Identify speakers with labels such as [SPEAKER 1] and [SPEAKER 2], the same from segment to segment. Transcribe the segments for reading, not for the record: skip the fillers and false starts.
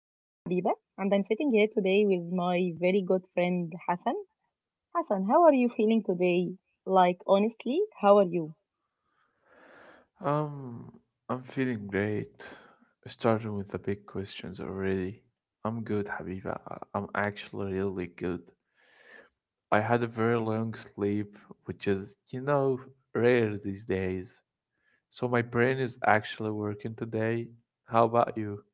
[SPEAKER 1] I am Habiba and I'm sitting here today with my very good friend Hassan. Hassan, how are you feeling today? Like, honestly, how are you?
[SPEAKER 2] Um, I'm feeling great. Starting with the big questions already. I'm good, Habiba. I'm actually really good. I had a very long sleep, which is, you know, rare these days. So my brain is actually working today. How about you?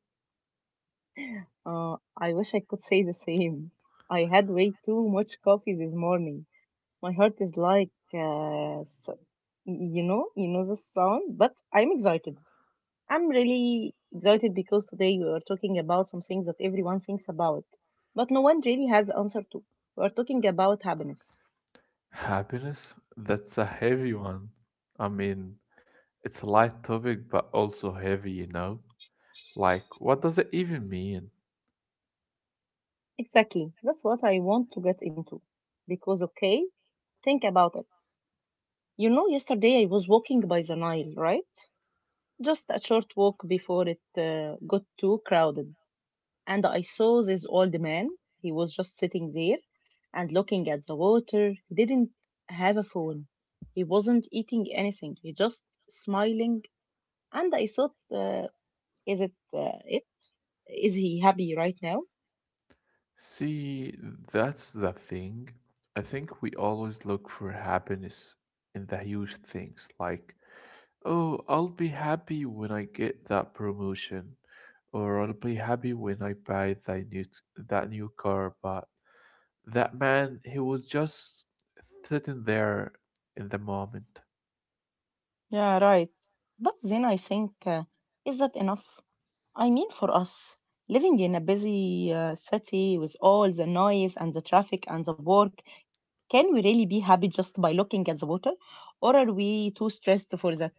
[SPEAKER 1] Uh, I wish I could say the same. I had way too much coffee this morning. My heart is like, you know the sound, but I'm excited. I'm really excited because today we are talking about some things that everyone thinks about, but no one really has the answer to. We are talking about happiness.
[SPEAKER 2] Happiness? That's a heavy one. I mean, it's a light topic, but also heavy, you know? Like, what does it even mean?
[SPEAKER 1] Exactly. That's what I want to get into. Because, okay, think about it. You know, yesterday I was walking by the Nile, right? Just a short walk before it got too crowded. And I saw this old man. He was just sitting there and looking at the water. He didn't have a phone. He wasn't eating anything. He just smiling. And I thought, is it? Is he happy right now?
[SPEAKER 2] See, that's the thing. I think we always look for happiness in the huge things, like, oh, I'll be happy when I get that promotion, or I'll be happy when I buy that new car. But that man, he was just sitting there in the moment.
[SPEAKER 1] Yeah, right. But then I think, is that enough? I mean, for us, living in a busy city with all the noise and the traffic and the work, can we really be happy just by looking at the water? Or are we too stressed for that?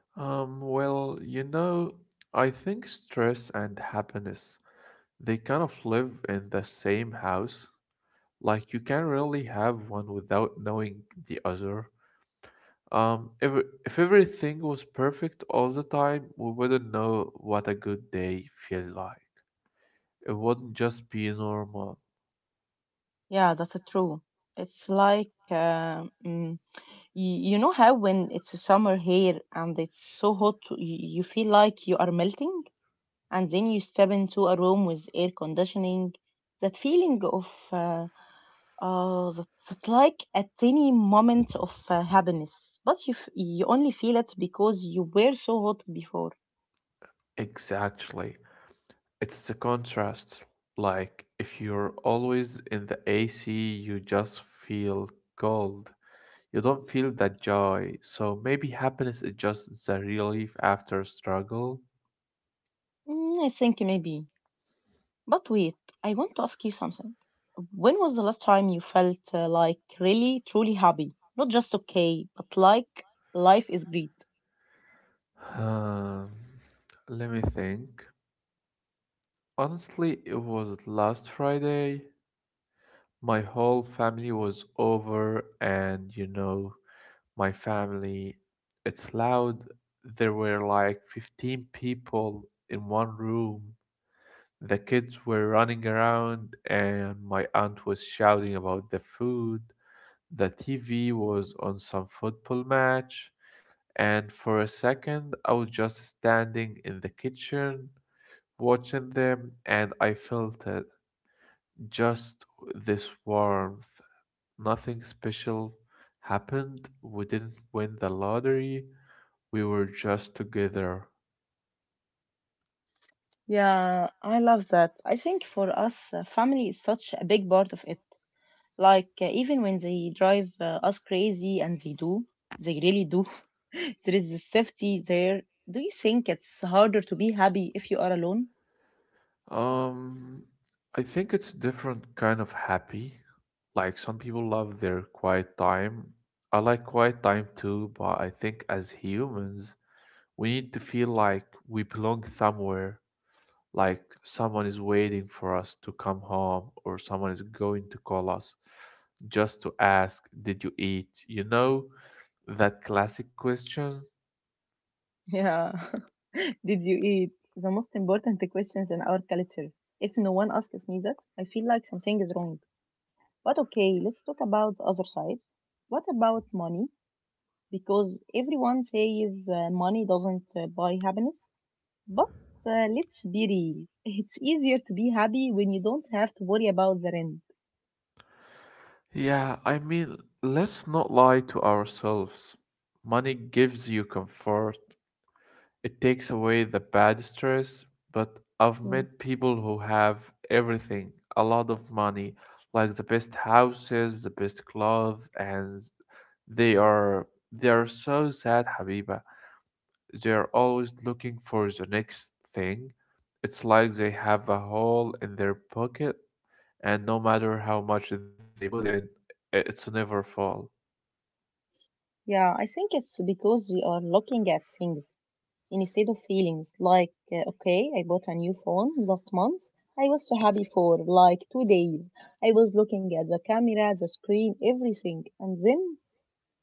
[SPEAKER 2] Well, you know, I think stress and happiness, they kind of live in the same house. Like you can really have one without knowing the other. Um, if, if everything was perfect all the time, we wouldn't know what a good day feels like. It wouldn't just be normal.
[SPEAKER 1] Yeah, that's true. It's like you know how when it's summer here and it's so hot, you feel like you are melting, and then you step into a room with air conditioning. That feeling of uh, that like a tiny moment of happiness, but you only feel it because you were so hot before.
[SPEAKER 2] Exactly. It's the contrast. Like, if you're always in the AC, you just feel cold. You don't feel that joy. So maybe happiness is just the relief after struggle.
[SPEAKER 1] I think maybe. But wait, I want to ask you something. When was the last time you felt like really, truly happy? Not just okay, but like life is great.
[SPEAKER 2] Um, Let me think. Honestly, it was last Friday. My whole family was over, and you know, my family, it's loud. There were like 15 people in one room. The kids were running around, and my aunt was shouting about the food. The TV was on some football match, and for a second, I was just standing in the kitchen watching them, and I felt it. Just this warmth. Nothing special happened. We didn't win the lottery. We were just together.
[SPEAKER 1] Yeah, I love that. I think for us, family is such a big part of it. Like, even when they drive us crazy, and they do, they really do, there is the safety there. Do you think it's harder to be happy if you are alone?
[SPEAKER 2] Um, I think it's different kind of happy. Like some people love their quiet time. I like quiet time too, but I think as humans, we need to feel like we belong somewhere. Like someone is waiting for us to come home or someone is going to call us just to ask, did you eat? You know, that classic question?
[SPEAKER 1] Yeah. Did you eat? The most important questions in our culture. If no one asks me that, I feel like something is wrong. But okay, let's talk about the other side. What about money? Because everyone says money doesn't buy happiness. But let's be real. It's easier to be happy when you don't have to worry about the rent.
[SPEAKER 2] Yeah, I mean, let's not lie to ourselves. Money gives you comfort, it takes away the bad stress, but I've
[SPEAKER 1] Mm.
[SPEAKER 2] met people who have everything, a lot of money, like the best houses, the best clothes, and they are they are so sad, Habiba. They're always looking for the next thing. It's like they have a hole in their pocket, and no matter how much they put in, it's never full.
[SPEAKER 1] Yeah, I think it's because we are looking at things instead of feelings like, okay, I bought a new phone last month. I was so happy for like 2 days. I was looking at the camera, the screen, everything. And then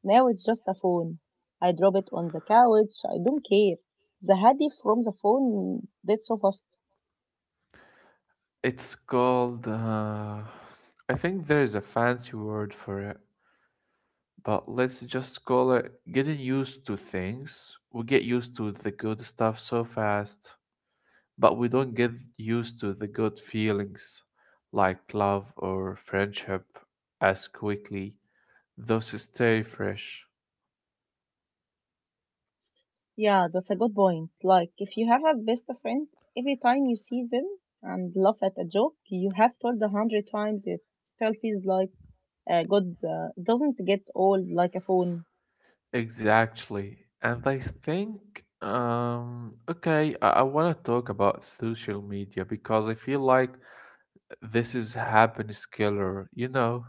[SPEAKER 1] now it's just a phone. I drop it on the couch. I don't care. The happy from the phone, that's so fast.
[SPEAKER 2] It's called, I think there is a fancy word for it, but let's just call it getting used to things. We get used to the good stuff so fast, but we don't get used to the good feelings like love or friendship as quickly. Those stay fresh.
[SPEAKER 1] Yeah, that's a good point. Like, if you have a best friend, every time you see them and laugh at a joke you have told a hundred times, it still feels like a good, doesn't get old like a phone.
[SPEAKER 2] Exactly. And I think, okay, I want to talk about social media because I feel like this is happiness killer, you know?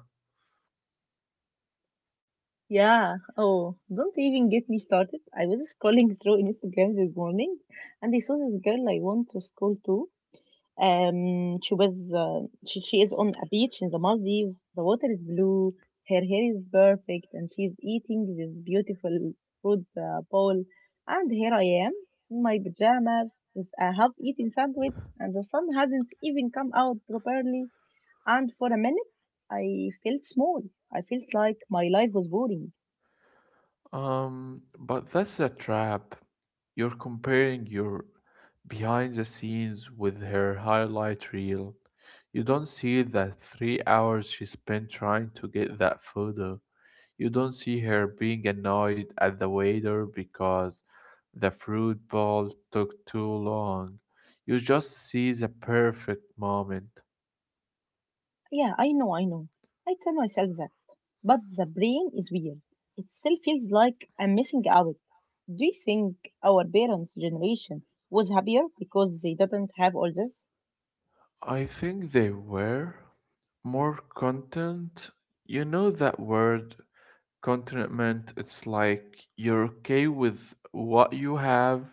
[SPEAKER 1] Yeah. Oh, don't even get me started. I was scrolling through Instagram this morning, and I saw this girl I want to scroll to. She was she is on a beach in the Maldives. The water is blue. Her hair is perfect, and she's eating this beautiful fruit bowl. And here I am in my pajamas with a half-eaten sandwich, and the sun hasn't even come out properly. And for a minute, I felt small. I felt like my life was boring.
[SPEAKER 2] But that's a trap. You're comparing your behind the scenes with her highlight reel. You don't see that 3 hours she spent trying to get that photo. You don't see her being annoyed at the waiter because the fruit ball took too long. You just seize a perfect moment.
[SPEAKER 1] Yeah, I know, I know. I tell myself that. But the brain is weird. It still feels like I'm missing out. Do you think our parents' generation was happier because they didn't have all this?
[SPEAKER 2] I think they were more content. You know that word, contentment. It's like you're okay with what you have.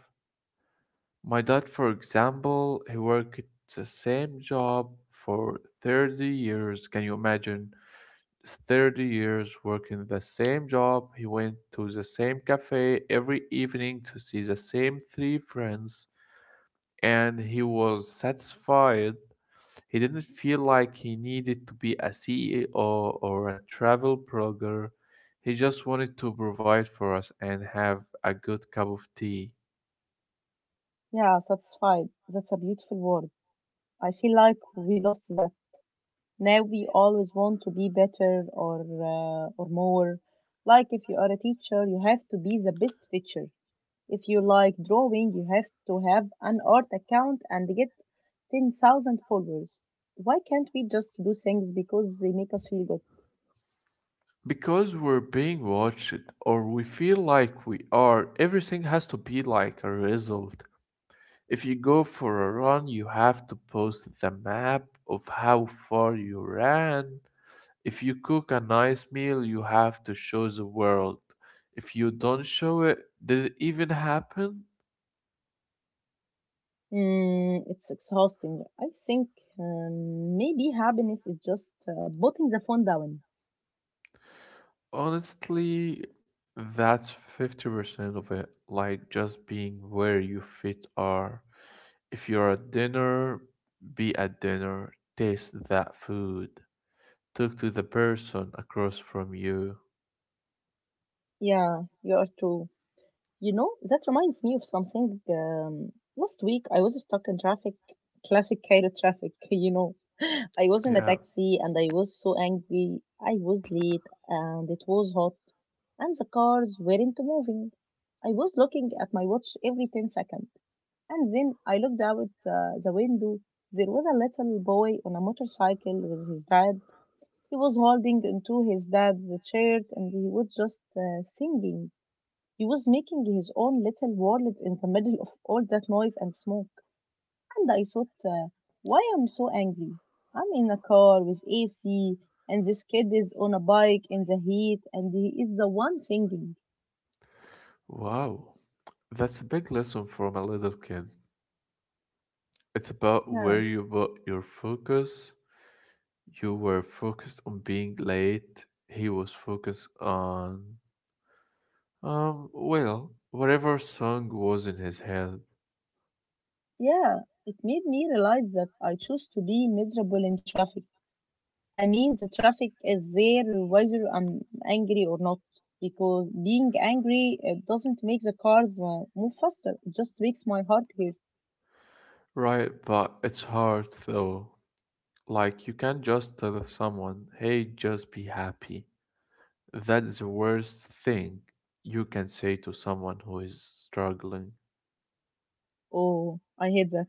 [SPEAKER 2] My dad, for example, he worked the same job for 30 years. Can you imagine? 30 years working the same job. He went to the same cafe every evening to see the same three friends, and he was satisfied. He didn't feel like he needed to be a CEO or a travel blogger. He just wanted to provide for us and have a good cup of tea.
[SPEAKER 1] Yeah, satisfied. That's a beautiful word. I feel like we lost that. Now we always want to be better or more. Like if you are a teacher, you have to be the best teacher. If you like drawing, you have to have an art account and get 10,000 followers. Why can't we just do things because they make us feel good?
[SPEAKER 2] Because we're being watched, or we feel like we are, everything has to be like a result. If you go for a run, you have to post the map of how far you ran. If you cook a nice meal, you have to show the world. If you don't show it, did it even happen?
[SPEAKER 1] It's exhausting. I think maybe happiness is just putting the phone down.
[SPEAKER 2] Honestly, that's 50% of it, like just being where you fit are. If you're at dinner, be at dinner, taste that food, talk to the person across from you.
[SPEAKER 1] Yeah, you are true. You know, that reminds me of something. Last week, I was stuck in traffic, classic Cairo traffic, you know. I was in a
[SPEAKER 2] Yeah,
[SPEAKER 1] taxi and I was so angry. I was late and it was hot and the cars weren't moving. I was looking at my watch every 10 seconds and then I looked out the window. There was a little boy on a motorcycle with his dad. He was holding onto his dad's shirt and he was just singing. He was making his own little world in the middle of all that noise and smoke. And I thought, why am so angry? I'm in a car with AC, and this kid is on a bike in the heat, and he is the one singing.
[SPEAKER 2] wow. That's a big lesson from a little kid. It's about
[SPEAKER 1] Yeah,
[SPEAKER 2] where you put your focus. You were focused on being late. He was focused on, whatever song was in his head.
[SPEAKER 1] yeah. It made me realize that I choose to be miserable in traffic. I mean, the traffic is there whether I'm angry or not, because being angry it doesn't make the cars move faster. It just makes my heart hurt.
[SPEAKER 2] Right, but it's hard though. Like, you can't just tell someone, hey, just be happy. That's the worst thing you can say to someone who is struggling.
[SPEAKER 1] Oh, I hate that.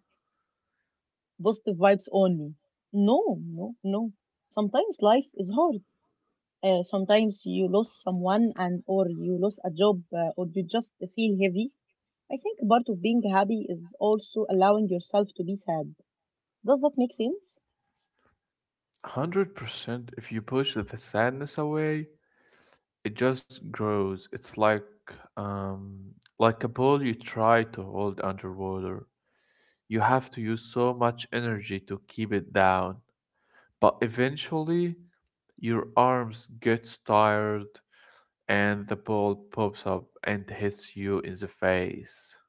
[SPEAKER 1] Positive vibes only. No, no, no. Sometimes life is hard. Sometimes you lose someone and or you lose a job or you just feel heavy. I think part of being happy is also allowing yourself to be sad. Does that make sense?
[SPEAKER 2] 100% if you push the sadness away it just grows. It's um, like a ball you try to hold underwater. You have to use so much energy to keep it down, but eventually your arms gets tired and the ball pops up and hits you in the face.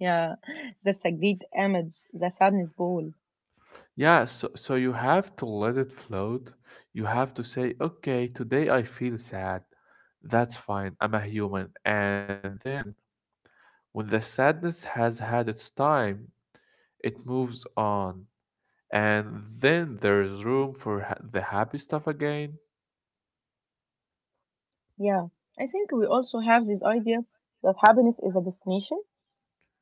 [SPEAKER 1] Yeah, that's a great image, the sadness ball.
[SPEAKER 2] Yeah, so you have to let it float. You have to say, "Okay, today I feel sad. That's fine. I'm a human." And then when the sadness has had its time, it moves on. And then there is room for the happy stuff again.
[SPEAKER 1] Yeah, I think we also have this idea that happiness is a destination.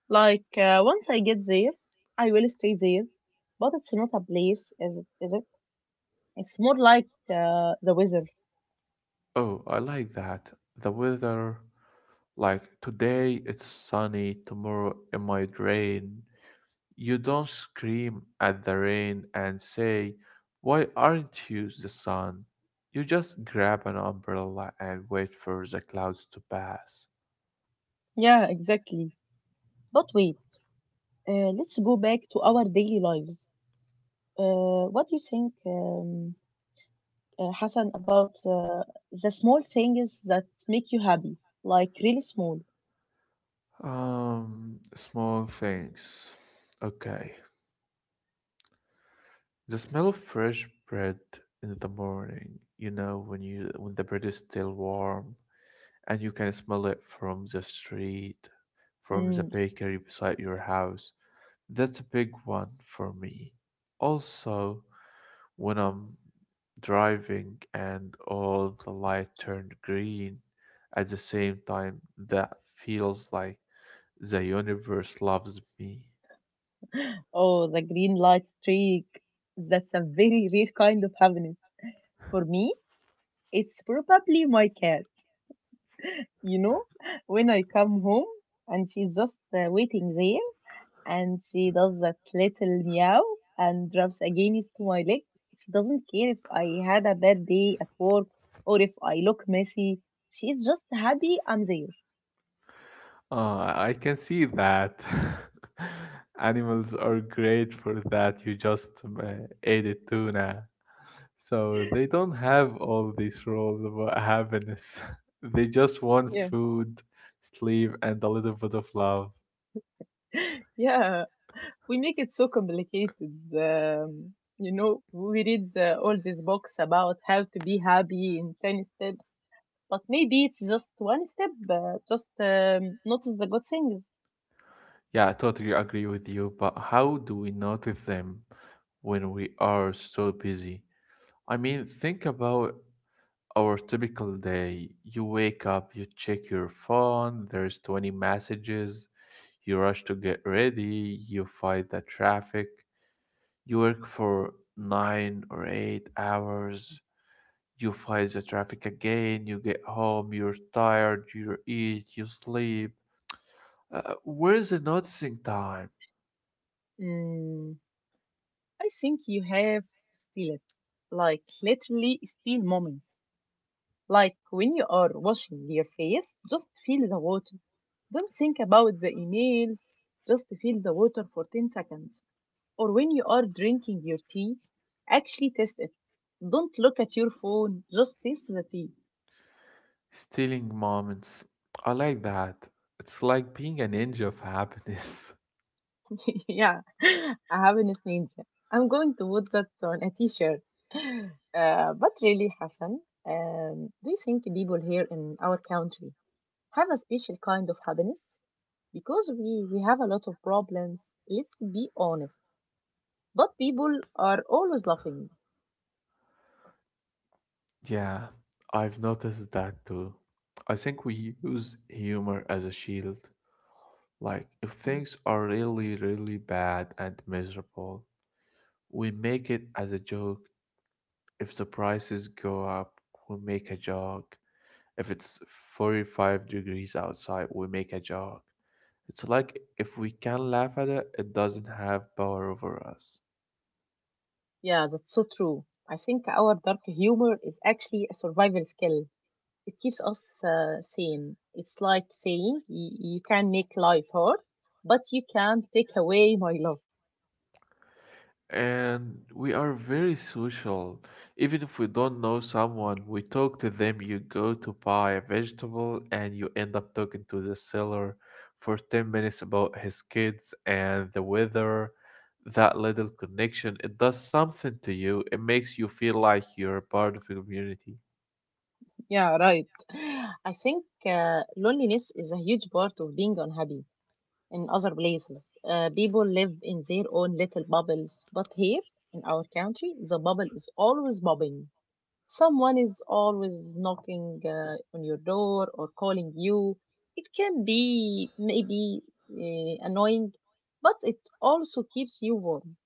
[SPEAKER 1] Like once I get there, I will stay there. But it's not a place, is it? Is it? It's more like the weather.
[SPEAKER 2] Oh, I like that. The weather, like today it's sunny, tomorrow it might rain. You don't scream at the rain and say, why aren't you the sun? You just grab an umbrella and wait for the clouds to pass.
[SPEAKER 1] Yeah, exactly. But wait, let's go back to our daily lives. What do you think, Hassan, about the small things that make you happy? Like really small.
[SPEAKER 2] Small things. Okay. The smell of fresh bread in the morning, you know, when you when the bread is still warm and you can smell it from the street, from the
[SPEAKER 1] Mm.
[SPEAKER 2] bakery beside your house. That's a big one for me. Also, when I'm driving and all the light turned green at the same time, that feels like the universe loves me.
[SPEAKER 1] Oh, the green light streak. That's a very rare kind of happiness. For me, it's probably my cat. You know, when I come home and she's just waiting there and she does that little meow and rubs against my leg. She doesn't care if I had a bad day at work or if I look messy. She's just happy I'm there.
[SPEAKER 2] I can see that. Animals are great for that. You just ate a tuna. So they don't have all these rules about happiness. They just want
[SPEAKER 1] Yeah,
[SPEAKER 2] food, sleep, and a little bit of love.
[SPEAKER 1] yeah. We make it so complicated. You know, we read all these books about how to be happy in 10 steps, but maybe it's just one step, just notice the good things.
[SPEAKER 2] Yeah, I totally agree with you, but how do we notice them when we are so busy? I mean, think about our typical day. You wake up, you check your phone, there's 20 messages, you rush to get ready, you fight the traffic, you work for 9 or 8 hours, you fight the traffic again, you get home, you're tired, you eat, you sleep. Where's the noticing time?
[SPEAKER 1] Mm. I think you have to steal it. Like literally steal moments. Like when you are washing your face, just feel the water. Don't think about the emails. Just feel the water for 10 seconds. Or when you are drinking your tea, actually taste it. Don't look at your phone. Just taste the tea.
[SPEAKER 2] Stealing moments. I like that. It's like being a ninja of happiness.
[SPEAKER 1] yeah, I have an ninja. I'm going to put that on a t-shirt. But really, Hassan, do you think people here in our country have a special kind of happiness because we have a lot of problems, let's be honest, but people are always laughing.
[SPEAKER 2] Yeah, I've noticed that too. I think we use humor as a shield. Like, if
[SPEAKER 1] Mm.
[SPEAKER 2] things are really, really bad and miserable, we make it as a joke. If the prices go up, we make a joke. If it's 45 degrees outside, we make a joke. It's like if we can laugh at it, it doesn't have power over us.
[SPEAKER 1] Yeah, that's so true. I think our dark humor is actually a survival skill. It keeps us sane. It's like saying you can make life hard but you can't take away my love.
[SPEAKER 2] And we are very social. Even if we don't know someone, we talk to them. You go to buy a vegetable and you end up talking to the seller for 10 minutes about his kids and the weather. That little connection, it does something to you. It makes you feel like you're part of a community.
[SPEAKER 1] Yeah, right. I think uh, loneliness is a huge part of being unhappy in other places. People live in their own little bubbles, but here in our country, the bubble is always bobbing. Someone is always knocking on your door or calling you. It can be maybe annoying, but it also keeps you warm.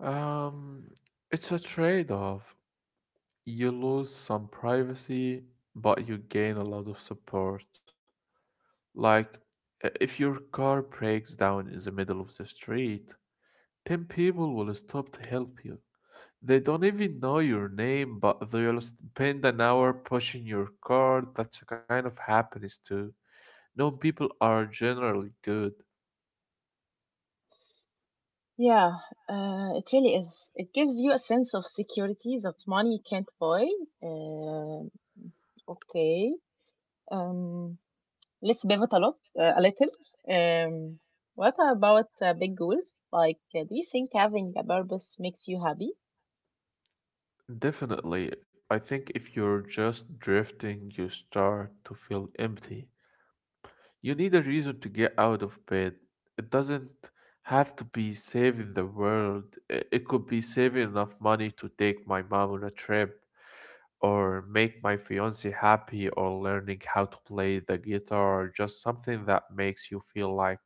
[SPEAKER 2] Um, it's a trade-off. You lose some privacy, but you gain a lot of support. Like, if your car breaks down in the middle of the street, 10 people will stop to help you. They don't even know your name, but they'll spend an hour pushing your car. That's a kind of happiness, too. Known people are generally good.
[SPEAKER 1] Yeah, it really is. It gives you a sense of security that money can't buy. Um okay. Um, let's pivot a little. Um, what about big goals? Like, do you think having a purpose makes you happy?
[SPEAKER 2] Definitely, I think if you're just drifting, you start to feel empty. You need a reason to get out of bed. It doesn't have to be saving the world. It could be saving enough money to take my mom on a trip, or make my fiance happy, or learning how to play the guitar, or just something that makes you feel like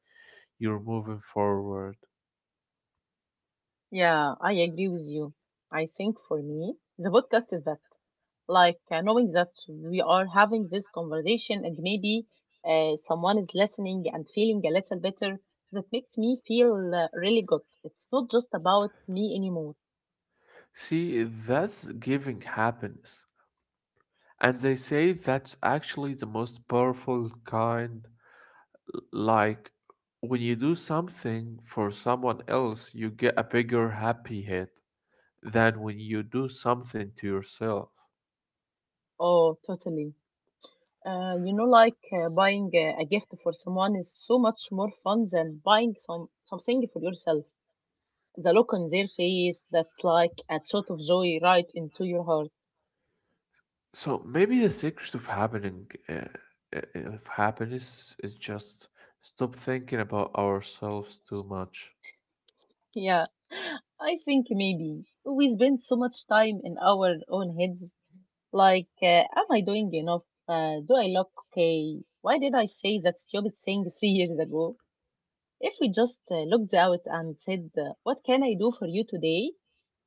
[SPEAKER 2] you're moving forward.
[SPEAKER 1] Yeah, I agree with you. I think for me, the podcast is that like knowing that we are having this conversation and maybe someone is listening and feeling a little better, that makes me feel really good. It's not just about me anymore.
[SPEAKER 2] See, that's giving happiness. And they say that's actually the most powerful kind. Like when you do something for someone else, you get a bigger happy hit than when you do something to yourself.
[SPEAKER 1] Oh, totally. You know, like buying a gift for someone is so much more fun than buying something for yourself. The look on their face, that's like a shot of joy right into your heart.
[SPEAKER 2] So maybe the secret of happening of happiness is just stop thinking about ourselves too much.
[SPEAKER 1] Yeah, I think maybe we spend so much time in our own heads. Like, am I doing enough? Do I look okay? Why did I say that stupid thing 3 years ago? If we just looked out and said, "What can I do for you today?"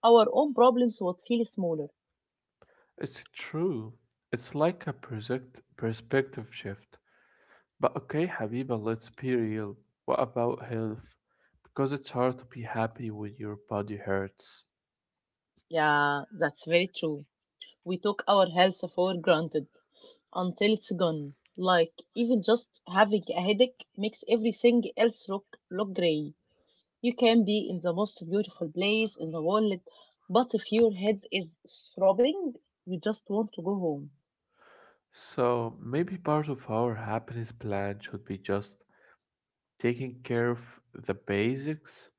[SPEAKER 1] Our own problems would feel smaller.
[SPEAKER 2] It's true. It's like a project perspective shift. But okay, Habiba, let's be real. What about health? Because it's hard to be happy when your body hurts.
[SPEAKER 1] Yeah, that's very true. We took our health for granted until it's gone. Like even just having a headache makes everything else look grey. You can be in the most beautiful place in the world, but if your head is throbbing, you just want to go home.
[SPEAKER 2] So maybe part of our happiness plan should be just taking care of the basics,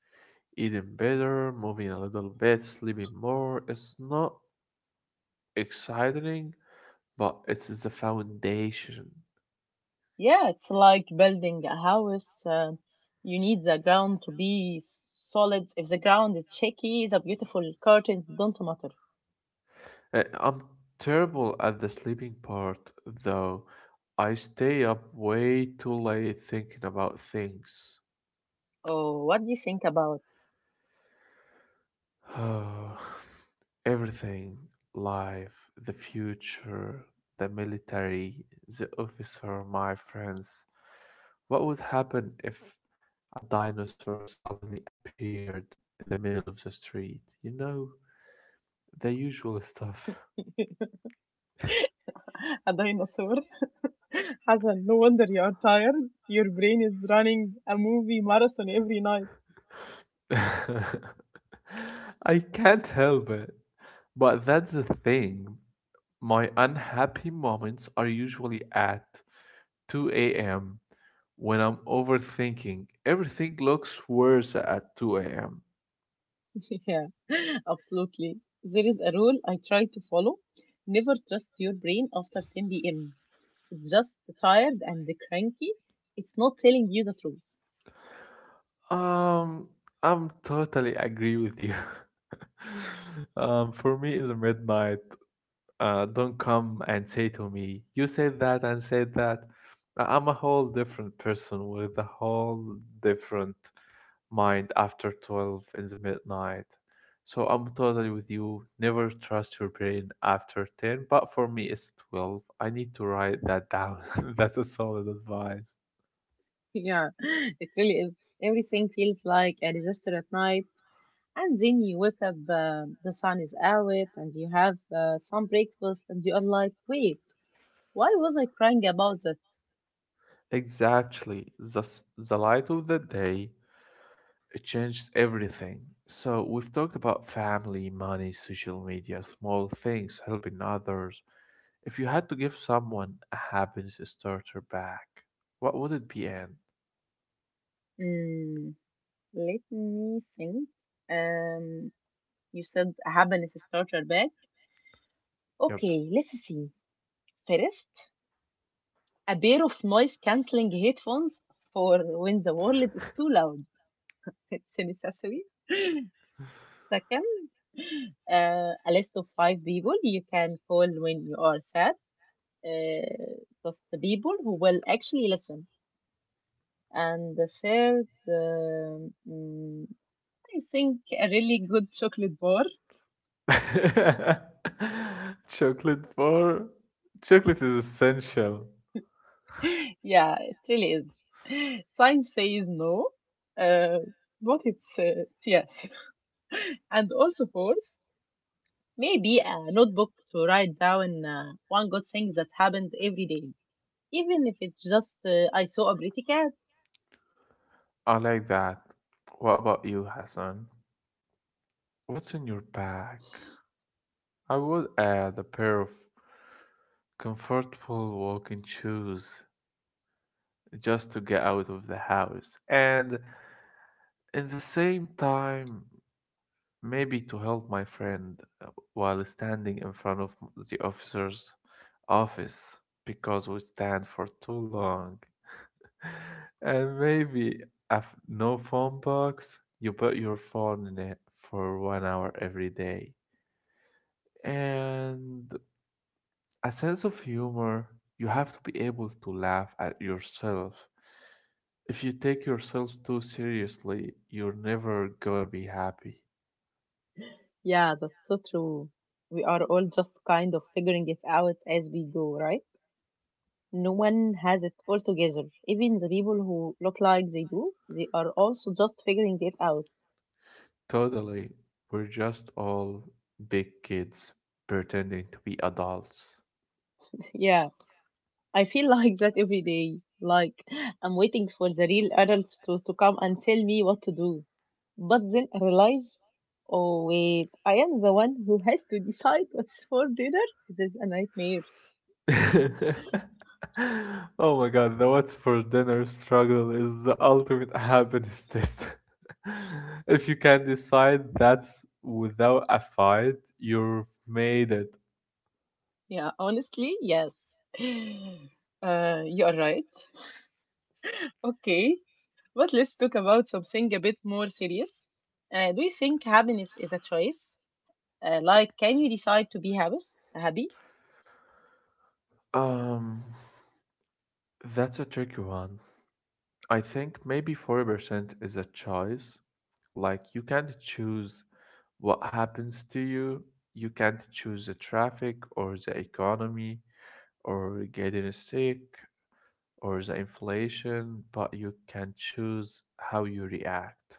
[SPEAKER 2] eating better, moving a little bit, sleeping more. It's not exciting, but it's the foundation.
[SPEAKER 1] Yeah, it's like building a house. You need the ground to be solid. If the ground is shaky, the beautiful curtains don't matter.
[SPEAKER 2] I'm terrible at the sleeping part, though. I stay up way too late thinking about things.
[SPEAKER 1] Oh, what do you think about
[SPEAKER 2] Oh, everything, life, the future, the military, the officer, my friends. What would happen if a dinosaur suddenly appeared in the middle of the street? You know, the usual stuff.
[SPEAKER 1] a dinosaur? Hassan, no wonder you're tired. Your brain is running a movie marathon every night.
[SPEAKER 2] I can't help it. But that's the thing. My unhappy moments are usually at 2 a.m. when I'm overthinking, everything looks worse at 2 a.m.
[SPEAKER 1] Yeah, absolutely. There is a rule I try to follow. Never trust your brain after 10 p.m. It's just tired and cranky. It's not telling you the truth.
[SPEAKER 2] Um, I'm totally agree with you. For me, it's midnight. Don't come and say to me, you said that and said that. I'm a whole different person with a whole different mind after 12 in the midnight. So I'm totally with you. Never trust your brain after 10, but for me it's 12. I need to write that down. That's a solid advice.
[SPEAKER 1] Yeah, it really is. Everything feels like a disaster at night. And then you wake up, the sun is out, and you have some breakfast, and you are like, wait, why was I crying about that?
[SPEAKER 2] Exactly. The light of the day, it changes everything. So, we've talked about family, money, social media, small things, helping others. If you had to give someone a happiness starter pack, what would it be, Anne?
[SPEAKER 1] Mm, let me think. Um, you said a happiness starter bag.
[SPEAKER 2] Yep.
[SPEAKER 1] Okay, let's see. First, a pair of noise cancelling headphones for when the world is too loud. It's a necessary. Second, a list of five people you can call when you are sad. Uh, just the people who will actually listen. And the third, I think a really good chocolate bar.
[SPEAKER 2] Chocolate bar. Chocolate is essential.
[SPEAKER 1] Yeah, it really is. Science says no, uh, but it's yes. And also fourth, maybe a notebook to write down one good thing that happened every day, even if it's just I saw a pretty cat.
[SPEAKER 2] I like that. What about you, Hassan? What's in your bag? I would add a pair of comfortable walking shoes just to get out of the house. And in the same time, maybe to help my friend while standing in front of the officer's office, because we stand for too long. And maybe a no phone box, you put your phone in it for 1 hour every day. And a sense of humor, you have to be able to laugh at yourself. If you take yourself too seriously, you're never gonna be happy.
[SPEAKER 1] Yeah, that's so true. We are all just kind of figuring it out as we go, right? No one has it all together. Even the people who look like they do, they are also just figuring it out.
[SPEAKER 2] Totally, we're just all big kids pretending to be adults.
[SPEAKER 1] Yeah. I feel like that every day. Like I'm waiting for the real adults to come and tell me what to do. But then I realize, oh wait, I am the one who has to decide what's for dinner. This is a nightmare.
[SPEAKER 2] Oh my god, the what's for dinner struggle is the ultimate happiness test. If you can decide that's without a fight, you've made it.
[SPEAKER 1] Yeah, honestly, yes. You are right. Okay, but let's talk about something a bit more serious. Do you think happiness is a choice? Like, can you decide to be happy? Happy?
[SPEAKER 2] Um, that's a tricky one. I think maybe 40% is a choice. Like, you can't choose what happens to you. You can't choose the traffic or the economy or getting sick or the inflation, but you can choose how you react.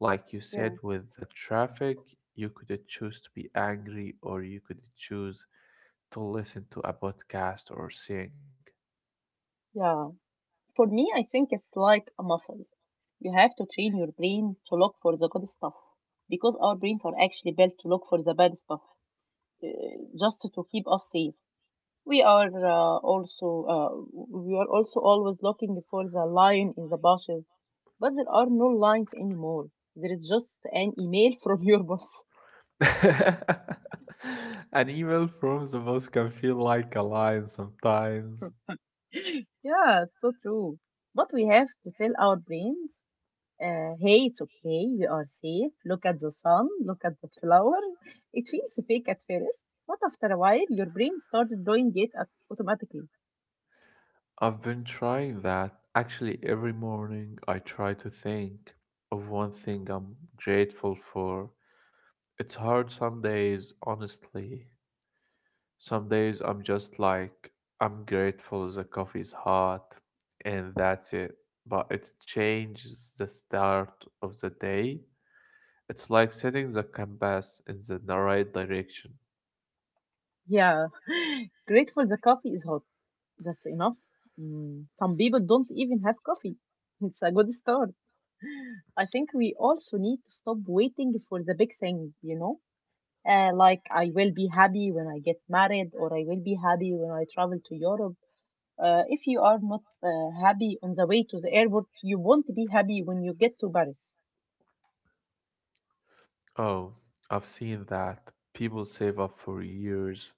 [SPEAKER 2] Like you said
[SPEAKER 1] Yeah.
[SPEAKER 2] with the traffic, you could choose to be angry or you could choose to listen to a podcast or sing.
[SPEAKER 1] Yeah. For me, I think it's like a muscle. You have to train your brain to look for the good stuff because our brains are actually built to look for the bad stuff uh, just to keep us safe. We are uh, also always looking for the lion in the bushes, but there are no lions anymore. There is just an email from your boss.
[SPEAKER 2] An email from the boss can feel like a line sometimes.
[SPEAKER 1] Yeah, it's so true. But we have to tell our brains. Hey, it's okay. We are safe. Look at the sun. Look at the flower. It feels fake at first, but after a while, your brain starts doing it automatically.
[SPEAKER 2] I've been trying that. Actually, every morning I try to think of one thing I'm grateful for. It's hard some days, honestly. Some days I'm just like, I'm grateful the coffee's hot, and that's it. But it changes the start of the day. It's like setting the compass in the right direction.
[SPEAKER 1] Yeah, grateful the coffee is hot. That's enough. Mm, some people don't even have coffee. It's a good start. I think we also need to stop waiting for the big thing, you know? Like, I will be happy when I get married, or I will be happy when I travel to Europe. If you are not happy on the way to the airport, you won't be happy when you get to Paris.
[SPEAKER 2] Oh, I've seen that. People save up for years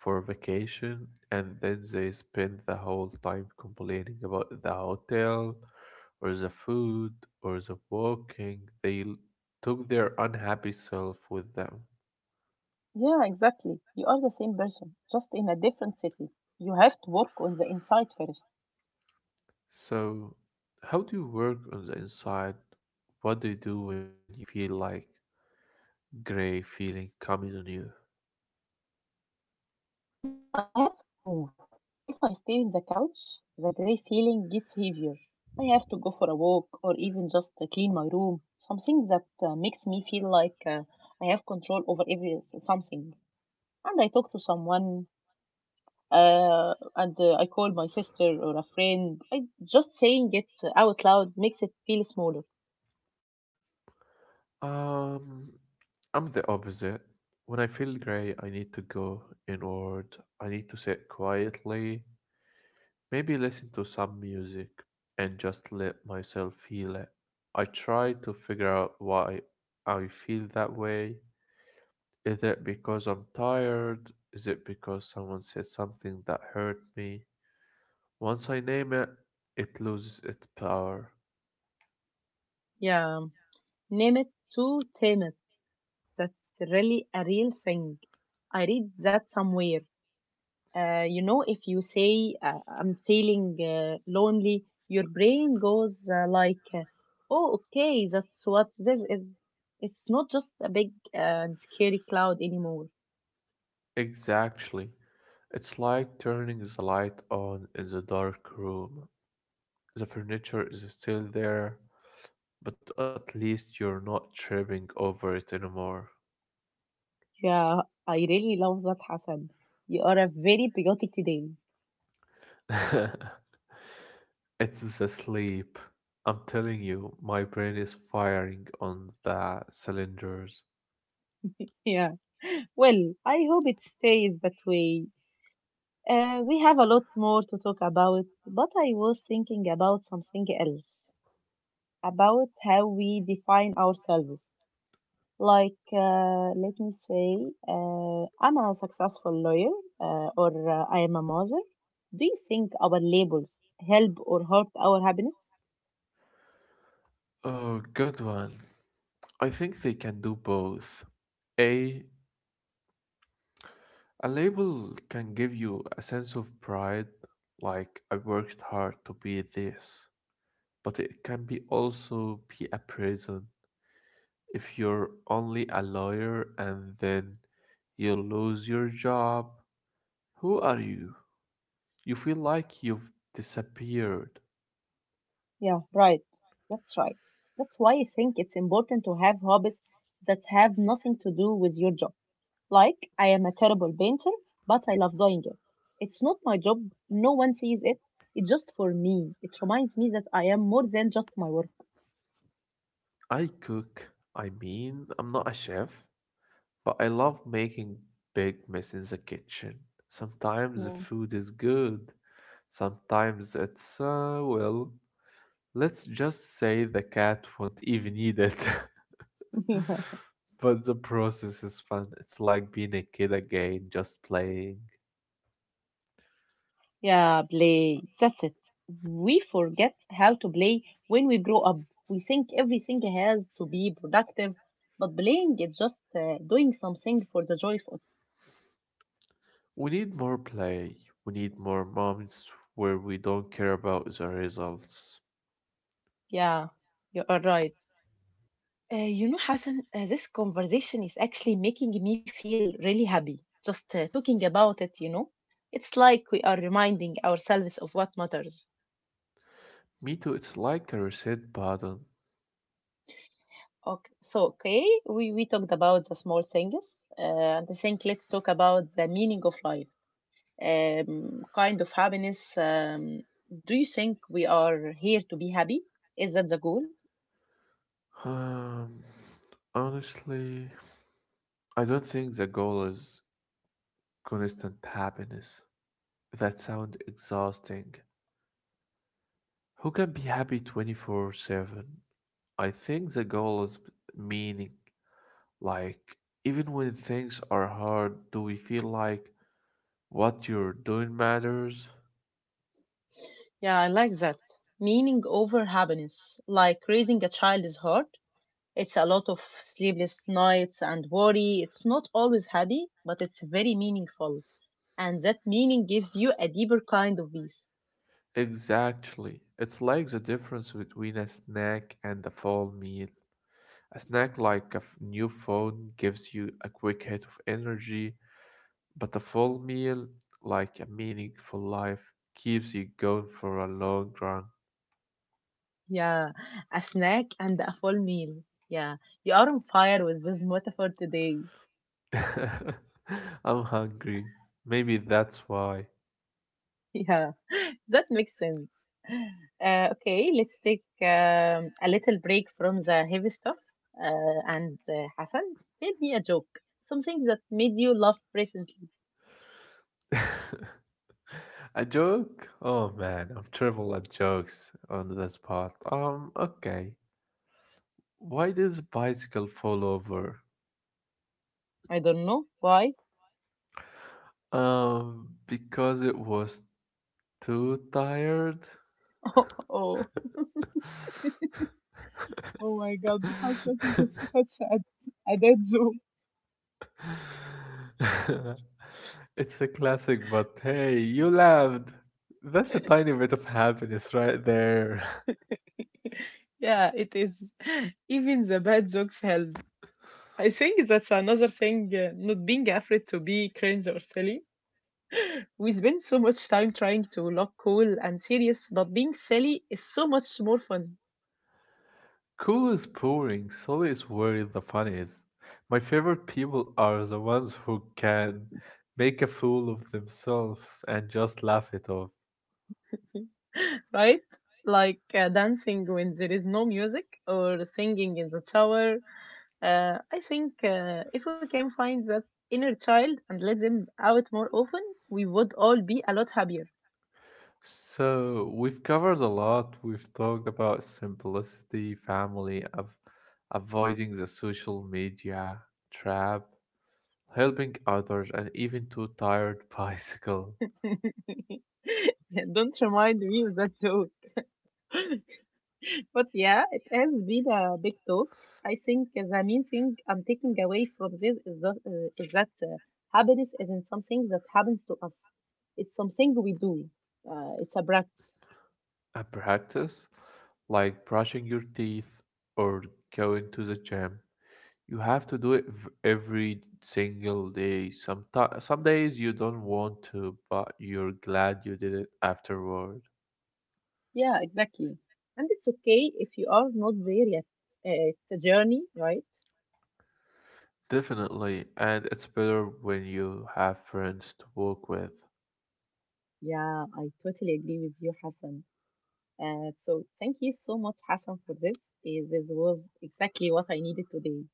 [SPEAKER 2] for vacation and then they spend the whole time complaining about the hotel or the food or the walking. They took their unhappy self with them.
[SPEAKER 1] Yeah, exactly. You are the same person, just in a different city. You have to work on the inside first.
[SPEAKER 2] So, how do you work on the inside? What do you do when you feel like gray feeling coming on you?
[SPEAKER 1] For me, I have to move. If I stay on the couch, the gray feeling gets heavier. I have to go for a walk or even just clean my room. Something that makes me feel like I have control over every something. And I talk to someone and I call my sister or a friend. I just saying it out loud makes it feel smaller.
[SPEAKER 2] Um, I'm the opposite. When I feel gray, I need to go inward. I need to sit quietly. Maybe listen to some music and just let myself feel it. I try to figure out why I feel that way. Is it because I'm tired? Is it because someone said something that hurt me? Once I name it, it loses its power.
[SPEAKER 1] Yeah, name it to tame it. That's really a real thing. I read that somewhere. You know, if you say I'm feeling lonely, your brain goes "Oh, okay, that's what this is." It's not just a big and scary cloud anymore.
[SPEAKER 2] Exactly. It's like turning the light on in the dark room. The furniture is still there, but at least you're not tripping over it anymore.
[SPEAKER 1] Yeah, I really love that, Hassan. You are a very patriotic today.
[SPEAKER 2] It's the sleep. I'm telling you, my brain is firing on the cylinders.
[SPEAKER 1] Yeah. Well, I hope it stays that way. We have a lot more to talk about, but I was thinking about something else, about how we define ourselves. Let me say, I'm a successful lawyer, or I am a mother. Do you think our labels help or hurt our happiness?
[SPEAKER 2] Oh, good one. I think they can do both. A a label can give you a sense of pride, like I worked hard to be this, but it can be also be a prison. If you're only a lawyer and then you lose your job, who are you? You feel like you've disappeared.
[SPEAKER 1] Yeah, right. That's right. That's why I think it's important to have hobbies that have nothing to do with your job. Like, I am a terrible painter, but I love doing it. It's not my job, no one sees it. It's just for me. It reminds me that I am more than just my work.
[SPEAKER 2] I cook. I mean, I'm not a chef, but I love making big mess in the kitchen. Sometimes the food is good, sometimes it's, well, let's just say the cat won't even eat it.
[SPEAKER 1] Yeah.
[SPEAKER 2] But the process is fun. It's like being a kid again, just playing.
[SPEAKER 1] Yeah, play. That's it. We forget how to play when we grow up. We think everything has to be productive, but playing is just doing something for the joy of it.
[SPEAKER 2] We need more play. We need more moments where we don't care about the results.
[SPEAKER 1] Yeah, you are right. You know, Hassan, this conversation is actually making me feel really happy. Just talking about it, you know, it's like we are reminding ourselves of what matters.
[SPEAKER 2] Me too, it's like a reset button.
[SPEAKER 1] Okay, so we talked about the small things, uh, and I think let's talk about the meaning of life, kind of happiness. Do you think we are here to be happy? Is that the goal?
[SPEAKER 2] Um, honestly, I don't think the goal is constant happiness. That sounds exhausting. Who can be happy 24/7? I think the goal is meaning. Like, even when things are hard, do we feel like what you're doing matters?
[SPEAKER 1] Yeah, I like that. Meaning over happiness, like raising a child is hard. It's a lot of sleepless nights and worry. It's not always happy, but it's very meaningful. And that meaning gives you a deeper kind of peace.
[SPEAKER 2] Exactly. It's like the difference between a snack and a full meal. A snack, like a new phone, gives you a quick hit of energy, but a full meal, like a meaningful life, keeps you going for a long run.
[SPEAKER 1] Yeah, a snack and a full meal. Yeah, you are on fire with this metaphor today.
[SPEAKER 2] I'm hungry. Maybe that's why.
[SPEAKER 1] Yeah, that makes sense. Okay, let's take a little break from the heavy stuff. And Hassan, tell me a joke. Something that made you laugh recently.
[SPEAKER 2] A joke? Oh man, I'm terrible at jokes on this part. Okay. Why did the bicycle fall over?
[SPEAKER 1] I don't know why.
[SPEAKER 2] Because it was too tired.
[SPEAKER 1] Oh, oh. Oh my God, Hassan, that's such a dead joke.
[SPEAKER 2] It's a classic, but hey, you laughed. That's a tiny bit of happiness right there.
[SPEAKER 1] Yeah, it is. Even the bad jokes help. I think that's another thing, not being afraid to be cringe or silly. We spend so much time trying to look cool and serious, but being silly is so much more fun,
[SPEAKER 2] Cool is pouring, so is where the fun is. My favorite people are the ones who can make a fool of themselves and just laugh it off.
[SPEAKER 1] right? Like dancing when there is no music or singing in the shower. I think if we can find that inner child and let them out more often, we would all be a lot happier.
[SPEAKER 2] So, we've covered a lot. We've talked about simplicity, family, of avoiding the social media trap, helping others, and even to tired bicycle.
[SPEAKER 1] Yeah, don't remind me of that joke. But yeah, it has been a big talk. I think the main thing I'm taking away from this is that happiness isn't something that happens to us. It's something we do. It's a practice.
[SPEAKER 2] And practice, like brushing your teeth or going to the gym. You have to do it every single day. Some days you don't want to, but you're glad you did it afterward.
[SPEAKER 1] Yeah, exactly. And it's okay if you are not there yet. It's a journey, right?
[SPEAKER 2] Definitely, and it's better when you have friends to walk with.
[SPEAKER 1] Yeah, I totally agree with you, Hassan. So thank you so much, Hassan, for this. Eh, this was exactly what I needed today.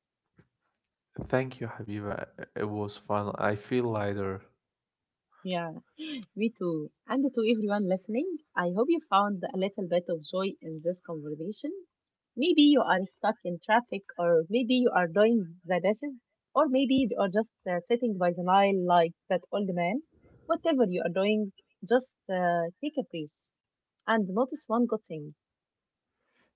[SPEAKER 2] Thank you, Habiba. It was fun. I feel lighter.
[SPEAKER 1] Yeah, me too. And to everyone listening, I hope you found a little bit of joy in this conversation. Maybe you are stuck in traffic, or maybe you are doing the dishes, or maybe you are just sitting by the Nile like that old man. Whatever you are doing, just take a breath and notice one good thing.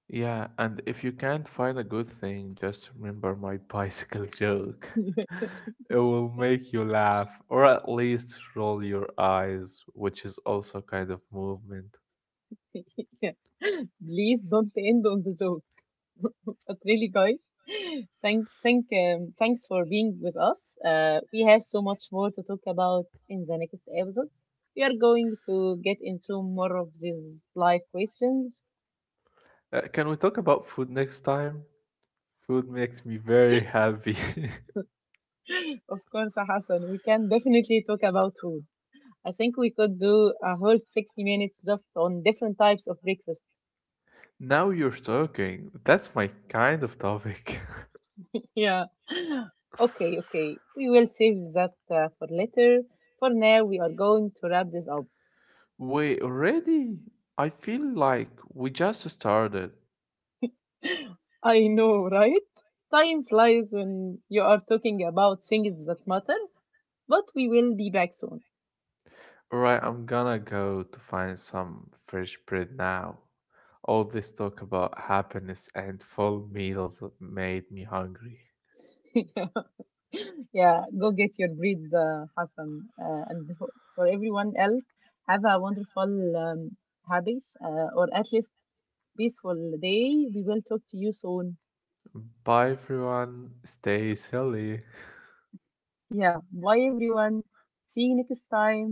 [SPEAKER 2] Yeah, and if you can't find a good thing, just remember my bicycle joke. It will make you laugh, or at least roll your eyes, which is also a kind of movement.
[SPEAKER 1] Yeah. Please don't end on the joke. But really, guys, thanks for being with us. We have so much more to talk about in the next episode. We are going to get into more of these live questions.
[SPEAKER 2] Can we talk about food next time? Food makes me very happy.
[SPEAKER 1] Of course, Hassan, we can definitely talk about food. I think we could do a whole 60 minutes just on different types of breakfast.
[SPEAKER 2] Now you're talking. That's my kind of topic.
[SPEAKER 1] Yeah. Okay, okay. We will save that for later. For now, we are going to wrap this up.
[SPEAKER 2] Wait, already? I feel like we just started.
[SPEAKER 1] I know, right? Time flies when you are talking about things that matter, but we will be back soon.
[SPEAKER 2] Right, I'm gonna go to find some fresh bread now. All this talk about happiness and full meals made me hungry.
[SPEAKER 1] Yeah, go get your breed, Hassan. And for everyone else, have a wonderful um, habits or at least peaceful day. We will talk to you soon.
[SPEAKER 2] Bye, everyone. Stay silly.
[SPEAKER 1] Yeah, bye everyone. See you next time.